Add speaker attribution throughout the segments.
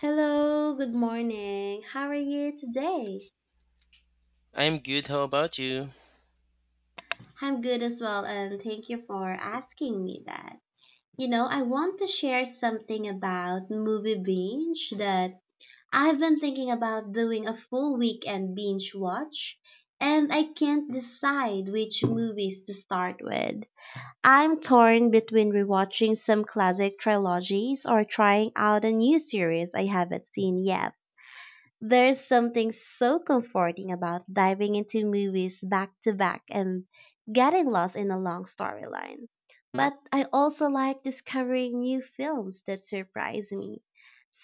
Speaker 1: Hello, good morning. How are you today?
Speaker 2: I'm good. How about you?
Speaker 1: I'm good as well, and thank you for asking me that. You know, I want to share something about movie binge that I've been thinking about doing a full weekend binge watch, and I can't decide which movies to start with. I'm torn between rewatching some classic trilogies or trying out a new series I haven't seen yet. There's something so comforting about diving into movies back to back and getting lost in a long storyline. But I also like discovering new films that surprise me.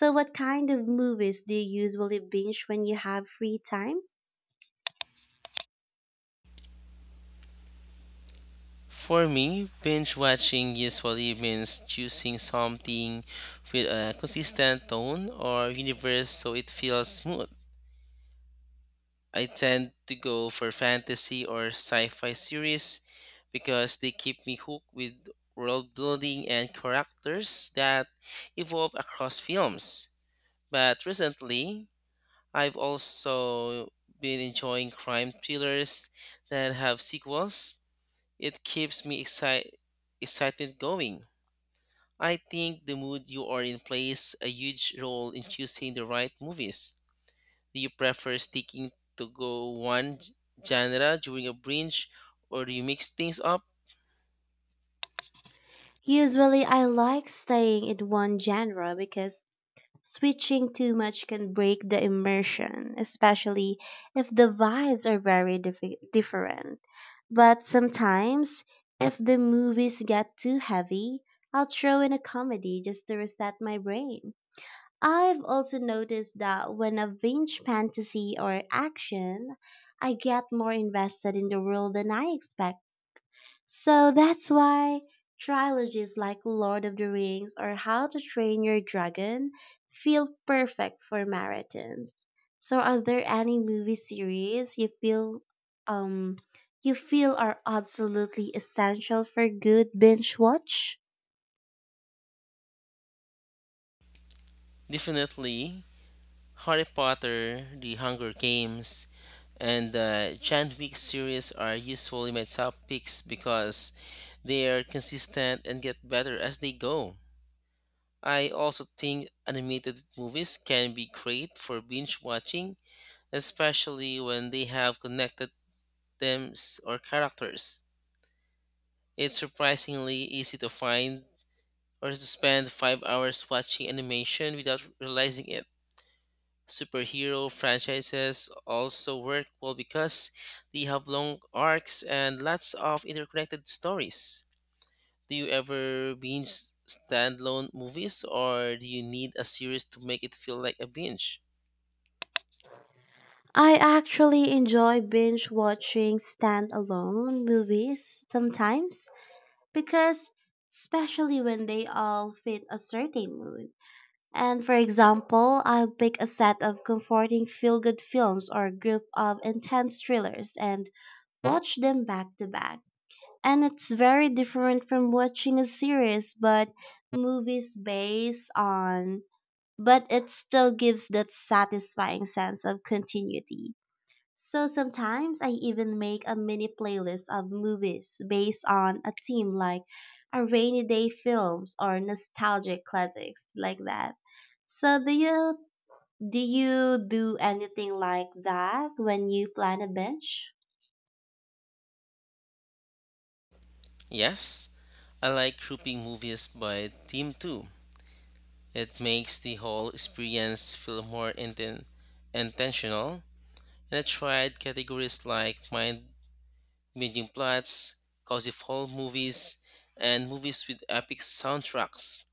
Speaker 1: So, what kind of movies do you usually binge when you have free time?
Speaker 2: For me, binge watching usually means choosing something with a consistent tone or universe so it feels smooth. I tend to go for fantasy or sci fi series because they keep me hooked with world building and characters that evolve across films. But recently, I've also been enjoying crime thrillers that have sequels. It keeps me excitement going. I think the mood you are in plays a huge role in choosing the right movies. Do you prefer sticking to go one genre during a binge, or do you mix things up?
Speaker 1: Usually, I like staying in one genre because switching too much can break the immersion, especially if the vibes are very different. But sometimes, if the movies get too heavy, I'll throw in a comedy just to reset my brain. I've also noticed that when I binge fantasy or action, I get more invested in the world than I expected. So that's why trilogies like Lord of the Rings or How to Train Your Dragon feel perfect for marathons. So are there any movie series um you feel are absolutely essential for good binge watch?
Speaker 2: Definitely Harry Potter, The Hunger Games, and the John Wick series are usually my top picks because they are consistent and get better as they go. I also think animated movies can be great for binge watching, especially when they have connected themes or characters. It's surprisingly easy to find or to spend 5 hours watching animation without realizing it. Superhero franchises also work well because they have long arcs and lots of interconnected stories. Do you ever binge standalone movies, or do you need a series to make it feel like a binge?
Speaker 1: I actually enjoy binge watching standalone movies sometimes because especially when they all fit a certain mood. And for example, I'll pick a set of comforting feel good films or a group of intense thrillers and watch them back to back. And it's very different from watching a series, but movies based on, but it still gives that satisfying sense of continuity. So sometimes I even make a mini playlist of movies based on a theme like a rainy day films or nostalgic classics like that. So do you do anything like that when you plan a binge?
Speaker 2: Yes, I like grouping movies by theme too. It makes the whole experience feel more intentional. And I tried categories like mind bending plots, cozy fall movies, and movies with epic soundtracks.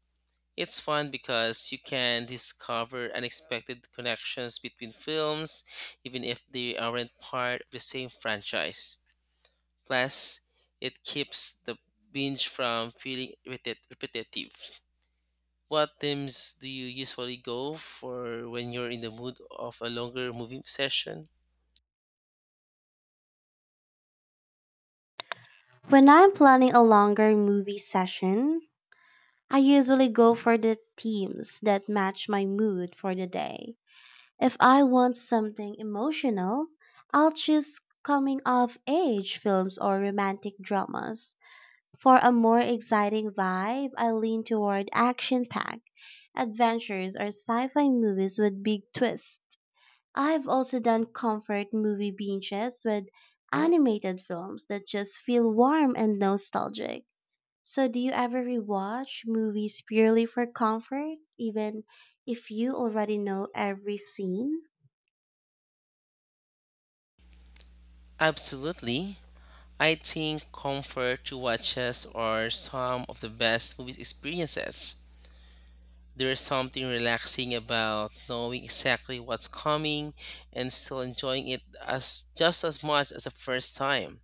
Speaker 2: It's fun because you can discover unexpected connections between films, even if they aren't part of the same franchise. Plus, it keeps the binge from feeling repetitive. What themes do you usually go for when you're in the mood of a longer movie session?
Speaker 1: When I'm planning a longer movie session, I usually go for the themes that match my mood for the day. If I want something emotional, I'll choose coming of age films or romantic dramas. For a more exciting vibe, I lean toward action packed adventures or sci fi movies with big twists. I've also done comfort movie binges with animated films that just feel warm and nostalgic. So, do you ever rewatch movies purely for comfort, even if you already know every scene?
Speaker 2: Absolutely. I think comfort to watches are some of the best movie experiences. There's something relaxing about knowing exactly what's coming and still enjoying it as just as much as the first time.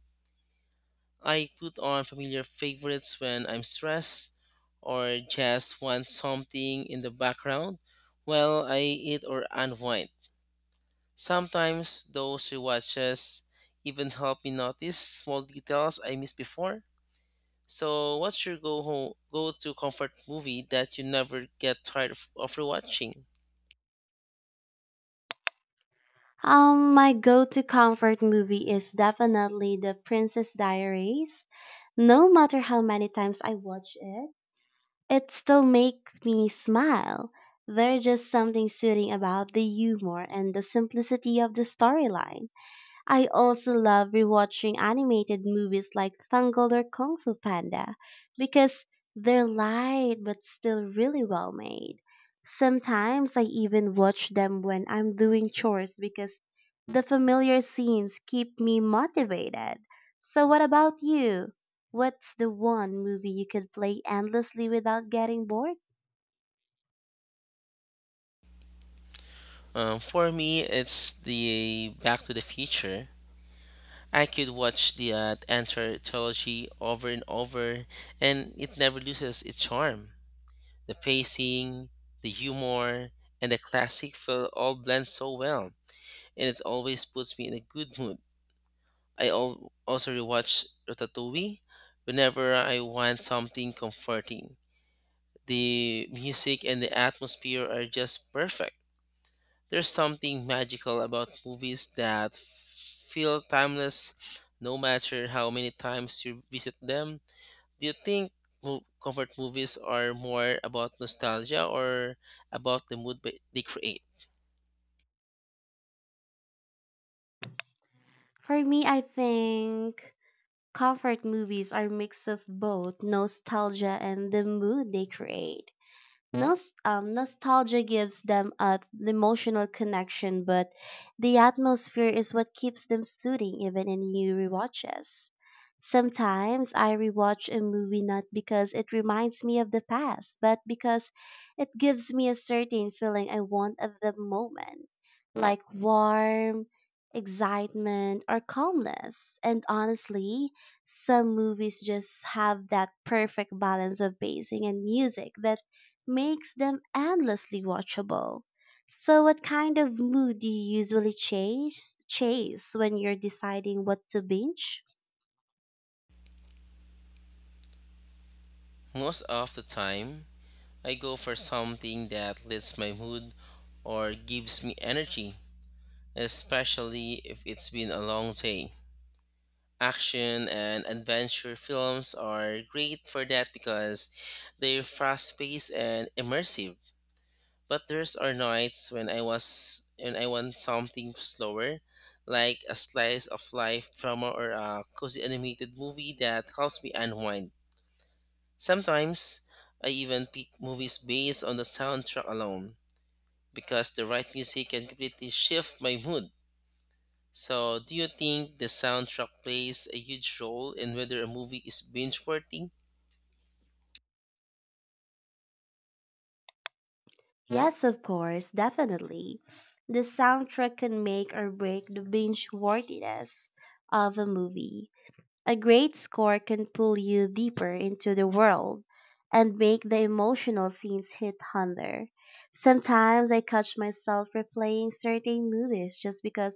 Speaker 2: I put on familiar favorites when I'm stressed or just want something in the background while I eat or unwind. Sometimes those rewatches even help me notice small details I missed before. So, what's your go to comfort movie that you never get tired of rewatching?
Speaker 1: My go-to comfort movie is definitely The Princess Diaries. No matter how many times I watch it, it still makes me smile. There's just something soothing about the humor and the simplicity of the storyline. I also love rewatching animated movies like Tangled or Kung Fu Panda because they're light but still really well made. Sometimes I even watch them when I'm doing chores because the familiar scenes keep me motivated. So, what about you? What's the one movie you could play endlessly without getting bored?
Speaker 2: For me, it's the Back to the Future. I could watch the Antler trilogy over and over, and it never loses its charm. The pacing, the humor, and the classic feel all blend so well, and it always puts me in a good mood. I also rewatch Ratatouille whenever I want something comforting. The music and the atmosphere are just perfect. There's something magical about movies that feel timeless no matter how many times you visit them. Do you think comfort movies are more about nostalgia or about the mood they create?
Speaker 1: For me, I think comfort movies are a mix of both nostalgia and the mood they create. Nos- Nostalgia gives them a the emotional connection, but the atmosphere is what keeps them soothing even in new rewatches. Sometimes I rewatch a movie not because it reminds me of the past, but because it gives me a certain feeling I want at the moment, like warmth, excitement, or calmness. And honestly, some movies just have that perfect balance of pacing and music that makes them endlessly watchable. So what kind of mood do you usually chase when you're deciding what to binge?
Speaker 2: Most of the time, I go for something that lifts my mood or gives me energy, especially if it's been a long day. Action and adventure films are great for that because they're fast-paced and immersive. But there's are nights when I was when I want something slower, like a slice of life drama or a cozy animated movie that helps me unwind. Sometimes I even pick movies based on the soundtrack alone because the right music can completely shift my mood. So, do you think the soundtrack plays a huge role in whether a movie is binge worthy?
Speaker 1: Yes, of course, definitely. The soundtrack can make or break the binge worthiness of a movie. A great score can pull you deeper into the world and make the emotional scenes hit harder. Sometimes I catch myself replaying certain movies just because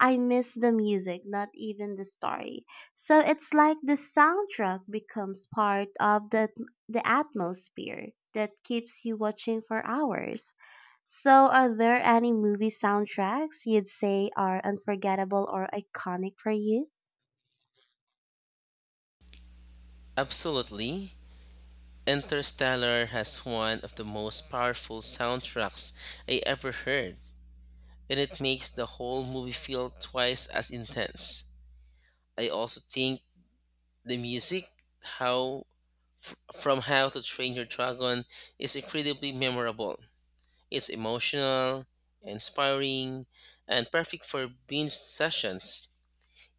Speaker 1: I miss the music, not even the story. So it's like the soundtrack becomes part of the atmosphere that keeps you watching for hours. So, are there any movie soundtracks you'd say are unforgettable or iconic for you?
Speaker 2: Absolutely. Interstellar has one of the most powerful soundtracks I ever heard, and it makes the whole movie feel twice as intense. I also think the music, how from How to Train Your Dragon, is incredibly memorable. It's emotional, inspiring, and perfect for binge sessions.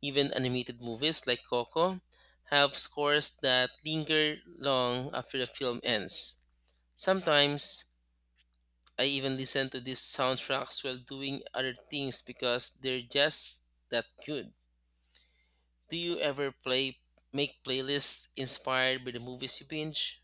Speaker 2: Even animated movies like Coco have scores that linger long after the film ends. Sometimes I even listen to these soundtracks while doing other things because they're just that good. Do you ever play make playlists inspired by the movies you binge?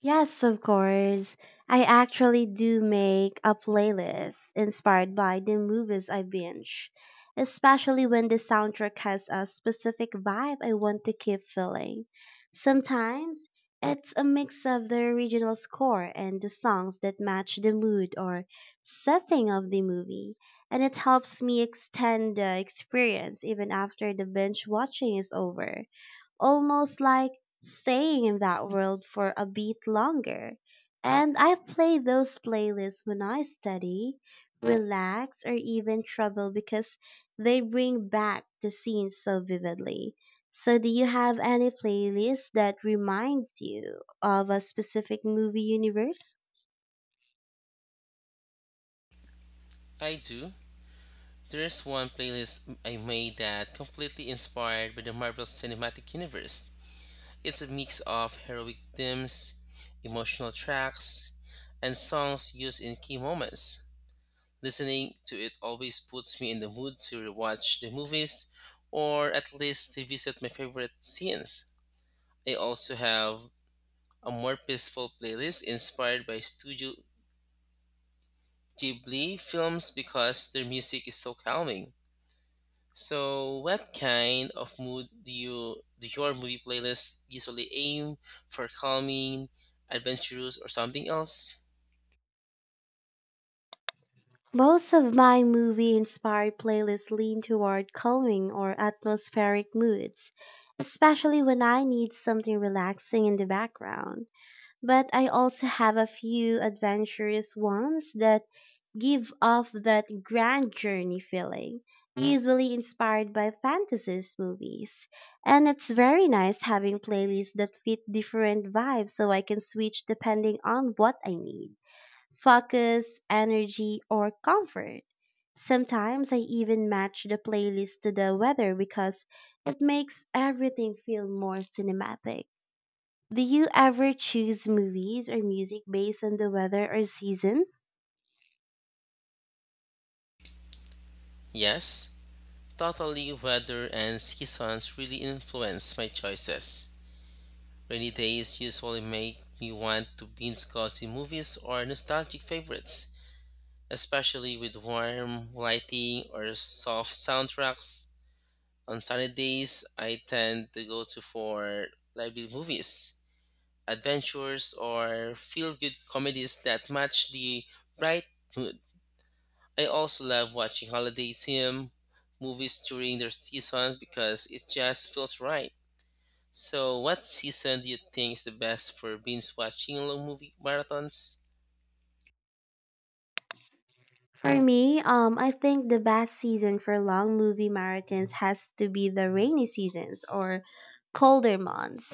Speaker 1: Yes, of course. I actually do make a playlist inspired by the movies I binge, especially when the soundtrack has a specific vibe I want to keep feeling. Sometimes it's a mix of the original score and the songs that match the mood or setting of the movie, and it helps me extend the experience even after the binge watching is over, almost like staying in that world for a bit longer. And I play those playlists when I study, relax, or even travel because they bring back the scenes so vividly. So, do you have any playlist that reminds you of a specific movie universe?
Speaker 2: I do. There's one playlist I made that completely inspired by the Marvel Cinematic Universe. It's a mix of heroic themes, emotional tracks, and songs used in key moments. Listening to it always puts me in the mood to rewatch the movies or at least revisit my favorite scenes. I also have a more peaceful playlist inspired by Studio Ghibli films because their music is so calming. So, what kind of mood do your movie playlists usually aim for, calming, adventurous, or something else?
Speaker 1: Most of my movie inspired playlists lean toward calming or atmospheric moods, especially when I need something relaxing in the background. But I also have a few adventurous ones that give off that grand journey feeling, easily inspired by fantasy movies. And it's very nice having playlists that fit different vibes so I can switch depending on what I need: focus, energy, or comfort. Sometimes I even match the playlist to the weather because it makes everything feel more cinematic. Do you ever choose movies or music based on the weather or season?
Speaker 2: Yes, totally. Weather and seasons really influence my choices. Rainy days usually make me want to binge cozy movies or nostalgic favorites, especially with warm lighting or soft soundtracks. On sunny days, I tend to go to for lively movies, adventures, or feel good comedies that match the bright mood. I also love watching holiday theme movies during their seasons because it just feels right. So, what season do you think is the best for binge watching long movie marathons?
Speaker 1: For me, I think the best season for long movie marathons has to be the rainy seasons or colder months.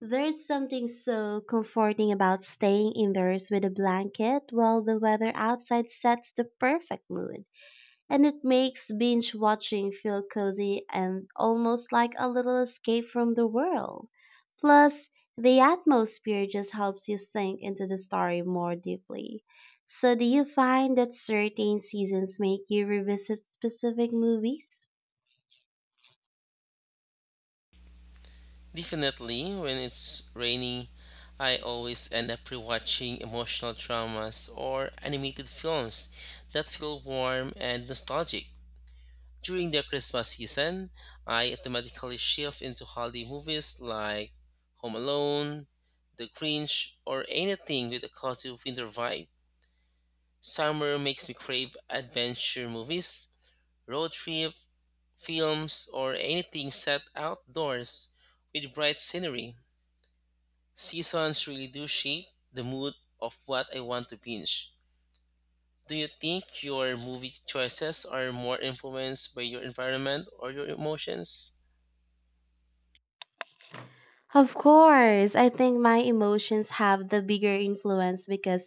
Speaker 1: There's something so comforting about staying indoors with a blanket while the weather outside sets the perfect mood, and it makes binge watching feel cozy and almost like a little escape from the world. Plus, the atmosphere just helps you sink into the story more deeply. So, do you find that certain seasons make you revisit specific movies?
Speaker 2: Definitely, when it's rainy, I always end up rewatching emotional dramas or animated films that feel warm and nostalgic. During the Christmas season, I automatically shift into holiday movies like Home Alone, The Grinch, or anything with a cozy winter vibe. Summer makes me crave adventure movies, road trip films, or anything set outdoors with bright scenery. Seasons really do shape the mood of what I want to binge. Do you think your movie choices are more influenced by your environment or your emotions?
Speaker 1: Of course, I think my emotions have the bigger influence because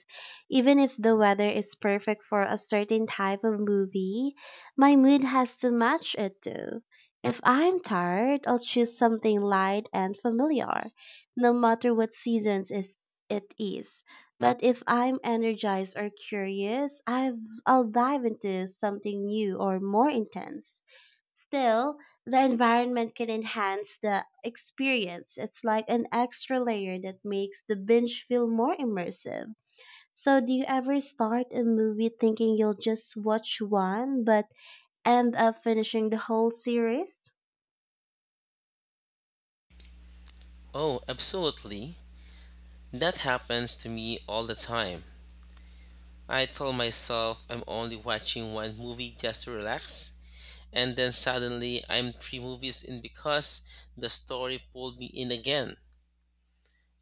Speaker 1: even if the weather is perfect for a certain type of movie, my mood has to match it too. If I'm tired, I'll choose something light and familiar, no matter what it is. But if I'm energized or curious, I'll dive into something new or more intense. Still, the environment can enhance the experience. It's like an extra layer that makes the binge feel more immersive. So, do you ever start a movie thinking you'll just watch one but end up finishing the whole series?
Speaker 2: Oh, absolutely. That happens to me all the time. I tell myself I'm only watching one movie just to relax, and then suddenly I'm three movies in because the story pulled me in again.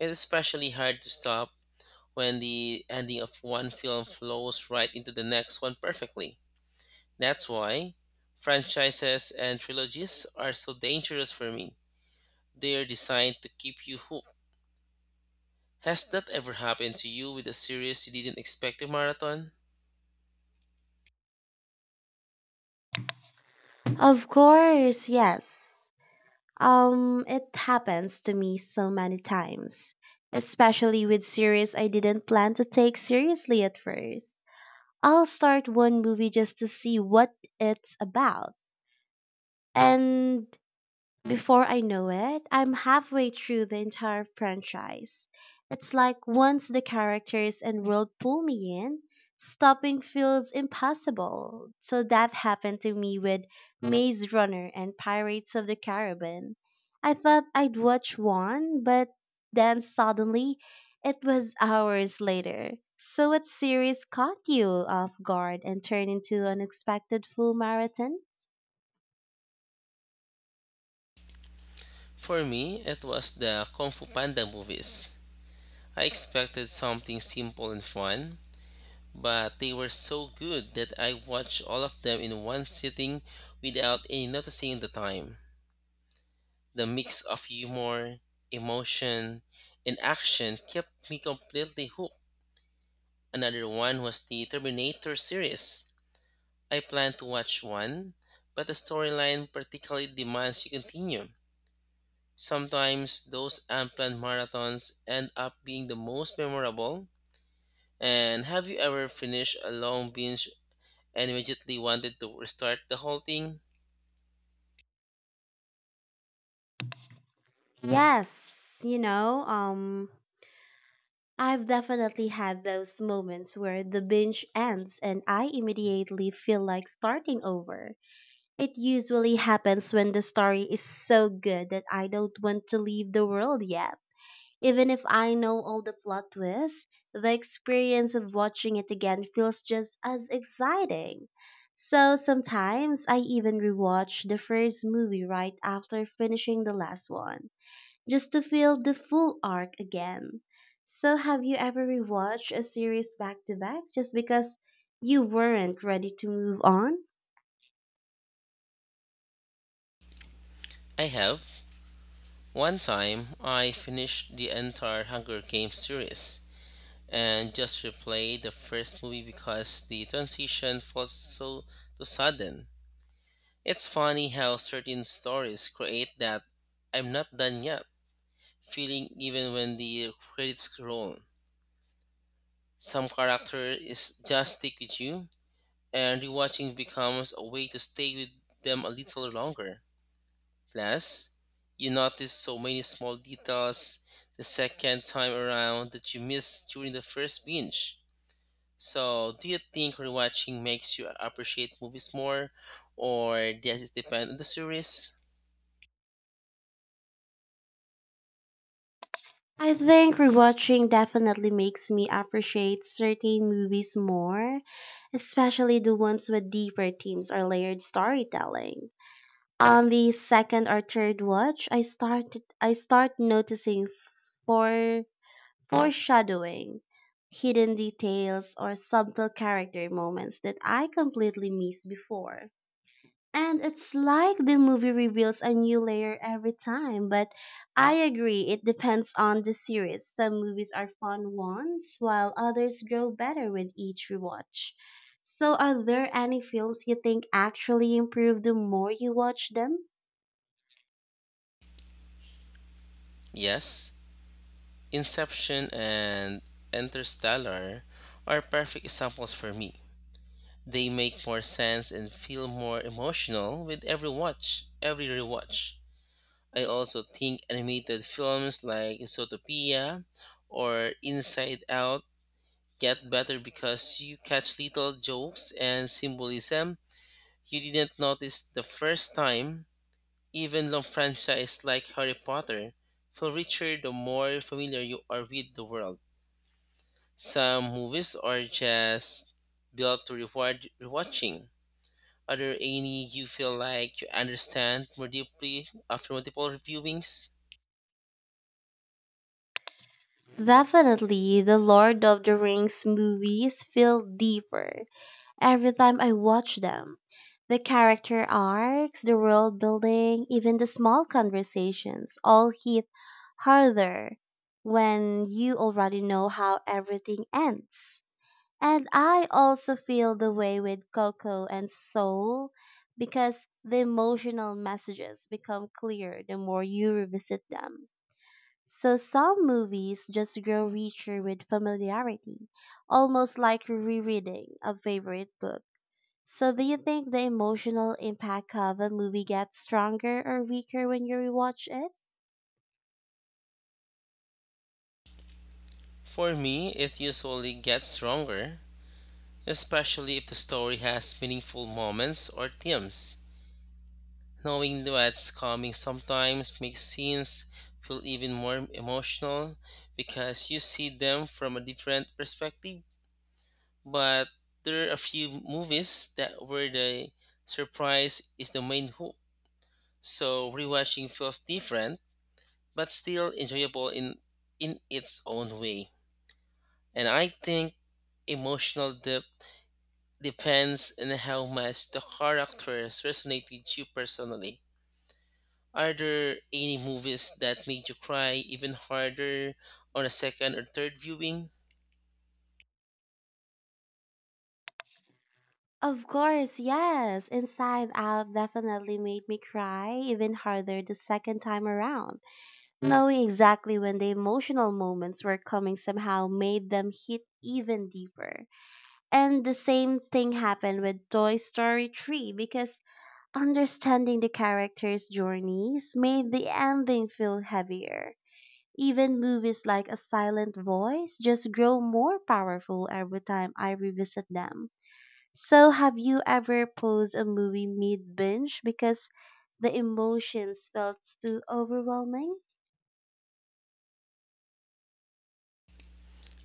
Speaker 2: It's especially hard to stop when the ending of one film flows right into the next one perfectly. That's why franchises and trilogies are so dangerous for me. They're designed to keep you hooked. Has that ever happened to you with a series you didn't expect to marathon?
Speaker 1: Of course, yes. It happens to me so many times, especially with series I didn't plan to take seriously at first. I'll start one movie just to see what it's about. And before I know it, I'm halfway through the entire franchise. It's like once the characters and world pull me in, stopping feels impossible. So that happened to me with Maze Runner and Pirates of the Caribbean. I thought I'd watch one, but then suddenly it was hours later. So what series caught you off guard and turned into an expected full marathon?
Speaker 2: For me, it was the Kung Fu Panda movies. I expected something simple and fun, but they were so good that I watched all of them in one sitting without any noticing the time. The mix of humor, emotion, and action kept me completely hooked. Another one was the Terminator series. I planned to watch one, but the storyline particularly demands you continue. Sometimes those unplanned marathons end up being the most memorable. And have you ever finished a long binge and immediately wanted to restart the whole thing?
Speaker 1: Yes, you know, um I've definitely had those moments where the binge ends and I immediately feel like starting over. It usually happens when the story is so good that I don't want to leave the world yet. Even if I know all the plot twists, the experience of watching it again feels just as exciting. So sometimes I even rewatch the first movie right after finishing the last one just to feel the full arc again. So, have you ever rewatched a series back to back just because you weren't ready to move on?
Speaker 2: I have. One time, I finished the entire Hunger Games series and just replayed the first movie because the transition felt too sudden. It's funny how certain stories create that "I'm not done yet" feeling even when the credits roll. Some character is just stick with you, and rewatching becomes a way to stay with them a little longer. Plus, you notice so many small details the second time around that you missed during the first binge. So, do you think rewatching makes you appreciate movies more, or does it depend on the series?
Speaker 1: I think rewatching definitely makes me appreciate certain movies more, especially the ones with deeper themes or layered storytelling. On the second or third watch, I start noticing for foreshadowing, hidden details, or subtle character moments that I completely missed before. And it's like the movie reveals a new layer every time, but I agree it depends on the series. Some movies are fun once, while others grow better with each rewatch. So, are there any films you think actually improve the more you watch them?
Speaker 2: Yes, Inception and Interstellar are perfect examples for me. They make more sense and feel more emotional with every watch, every rewatch. I also think animated films like Zootopia or Inside Out get better because you catch little jokes and symbolism you didn't notice the first time. Even long franchise like Harry Potter feel richer the more familiar you are with the world. Some movies are just built to reward rewatching. Are there any you feel like you understand more deeply after multiple viewings?
Speaker 1: Definitely, the Lord of the Rings movies feel deeper. Every time I watch them, the character arcs, the world building, even the small conversations all hit harder when you already know how everything ends. And I also feel the way with Coco and Soul because the emotional messages become clear the more you revisit them. So some movies just grow richer with familiarity, almost like rereading a favorite book. So do you think the emotional impact of a movie gets stronger or weaker when you rewatch it?
Speaker 2: For me, it usually gets stronger, especially if the story has meaningful moments or themes. Knowing what's coming sometimes makes scenes feel even more emotional because you see them from a different perspective. But there are a few movies that where the surprise is the main hook. So rewatching feels different but still enjoyable in its own way. And I think emotional depth depends on how much the characters resonate with you personally. Are there any movies that made you cry even harder on a second or third viewing?
Speaker 1: Of course, yes. Inside Out definitely made me cry even harder the second time around. Knowing exactly when the emotional moments were coming somehow made them hit even deeper. And the same thing happened with Toy Story 3 because understanding the characters' journeys made the ending feel heavier. Even movies like A Silent Voice just grow more powerful every time I revisit them. So, have you ever paused a movie mid binge because the emotions felt too overwhelming?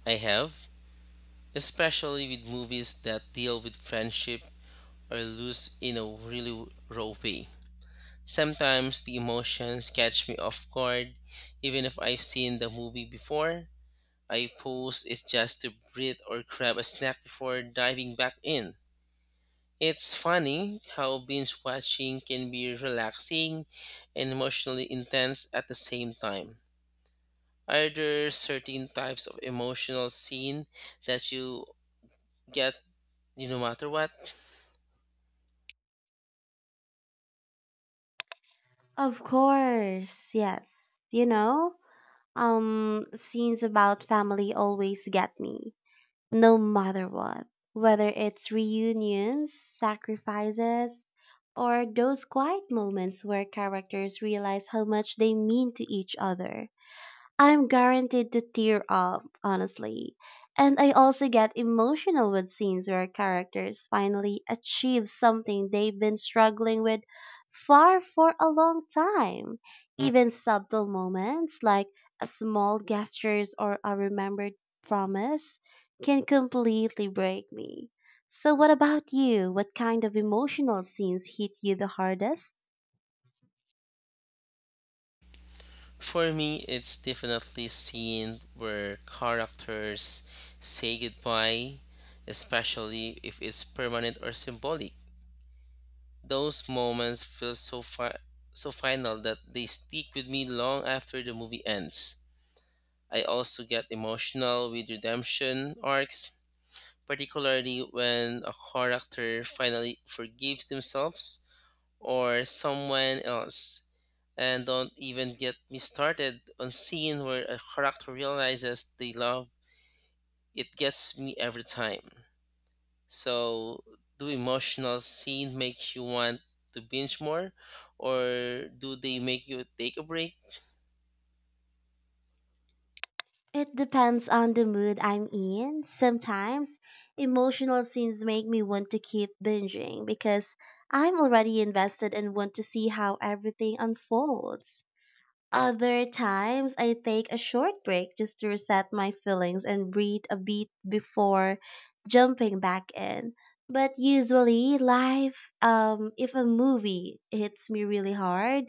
Speaker 2: I have, especially with movies that deal with friendship or lose in a really raw way. Sometimes the emotions catch me off guard, even if I've seen the movie before. I pause it just to breathe or grab a snack before diving back in. It's funny how binge watching can be relaxing and emotionally intense at the same time. Are there certain types of emotional scene that you get no matter what?
Speaker 1: Of course, yes. You know, um, Scenes about family always get me, no matter what. Whether it's reunions, sacrifices, or those quiet moments where characters realize how much they mean to each other, I'm guaranteed to tear up, honestly. And I also get emotional with scenes where characters finally achieve something they've been struggling with far for a long time. Even subtle moments like a small gestures or a remembered promise can completely break me. So what about you? What kind of emotional scenes hit you the hardest?
Speaker 2: For me, it's definitely scene where characters say goodbye, especially if it's permanent or symbolic. Those moments feel so final that they stick with me long after the movie ends. I also get emotional with redemption arcs, particularly when a character finally forgives themselves or someone else, and don't even get me started on scene where a character realizes they love. It gets me every time. So, do emotional scene make you want to binge more, or do they make you take a break?
Speaker 1: It depends on the mood I'm in. Sometimes emotional scenes make me want to keep binging because I'm already invested and want to see how everything unfolds. Other times, I take a short break just to reset my feelings and breathe a bit before jumping back in. But usually, if a movie hits me really hard,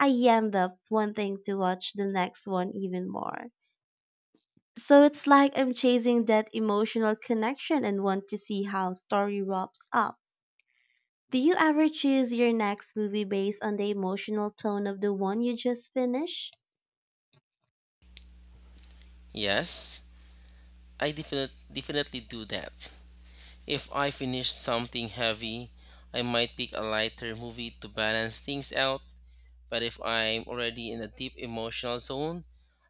Speaker 1: I end up wanting to watch the next one even more. So it's like I'm chasing that emotional connection and want to see how story wraps up. Do you ever choose your next movie based on the emotional tone of the one you just finished?
Speaker 2: Yes, I definitely do that. If I finish something heavy, I might pick a lighter movie to balance things out. But if I'm already in a deep emotional zone,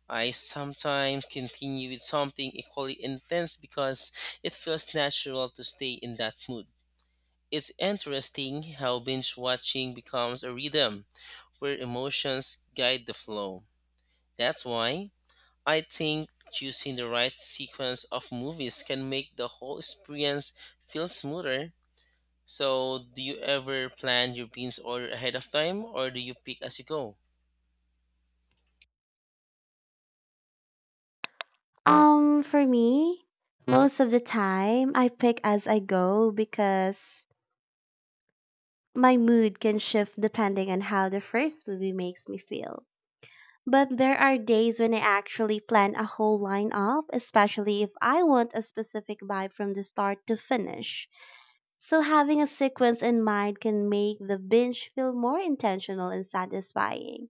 Speaker 2: I sometimes continue with something equally intense because it feels natural to stay in that mood. It's interesting how binge watching becomes a rhythm where emotions guide the flow. That's why I think choosing the right sequence of movies can make the whole experience feel smoother. So, do you ever plan your binge order ahead of time, or do you pick as you go?
Speaker 1: For me, most of the time I pick as I go because my mood can shift depending on how the first movie makes me feel. But there are days when I actually plan a whole lineup, especially if I want a specific vibe from the start to finish. So having a sequence in mind can make the binge feel more intentional and satisfying.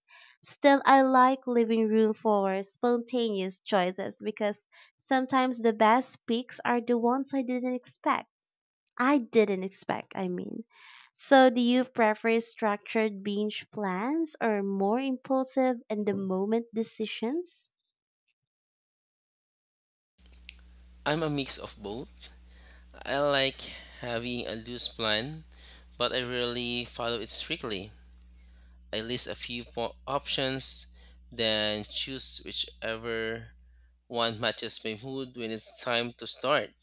Speaker 1: Still, I like leaving room for spontaneous choices because sometimes the best picks are the ones I didn't expect. I didn't expect, I mean. So do you prefer structured binge plans or more impulsive and the moment decisions?
Speaker 2: I'm a mix of both. I like having a loose plan, but I rarely follow it strictly. I list a few options, then choose whichever one matches my mood when it's time to start.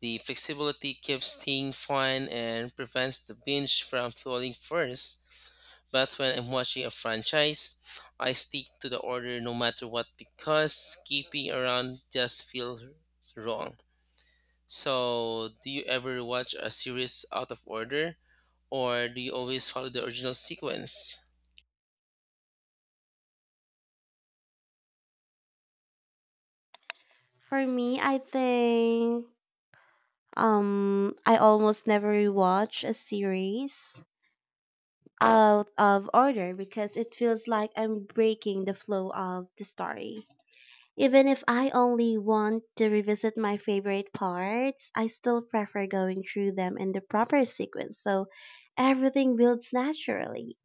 Speaker 2: The flexibility keeps things fun and prevents the binge from falling first. But when I'm watching a franchise, I stick to the order no matter what because skipping around just feels wrong. So, do you ever watch a series out of order, or do you always follow the original sequence?
Speaker 1: For me, I almost never rewatch a series out of order because it feels like I'm breaking the flow of the story. Even if I only want to revisit my favorite parts, I still prefer going through them in the proper sequence so everything builds naturally.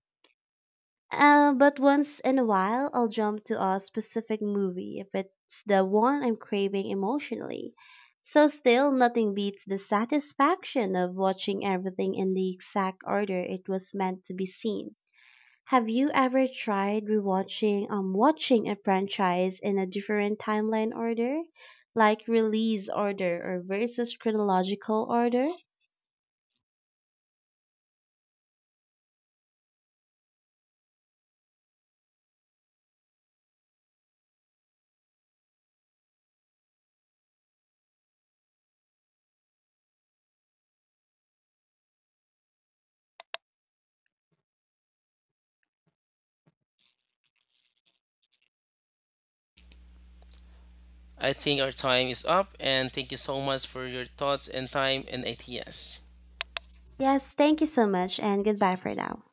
Speaker 1: But once in a while, I'll jump to a specific movie if it's the one I'm craving emotionally. So still, nothing beats the satisfaction of watching everything in the exact order it was meant to be seen. Have you ever tried rewatching watching a franchise in a different timeline order, like release order or versus chronological order?
Speaker 2: I think our time is up, and thank you so much for your thoughts and time and ideas.
Speaker 1: Yes, thank you so much and goodbye for now.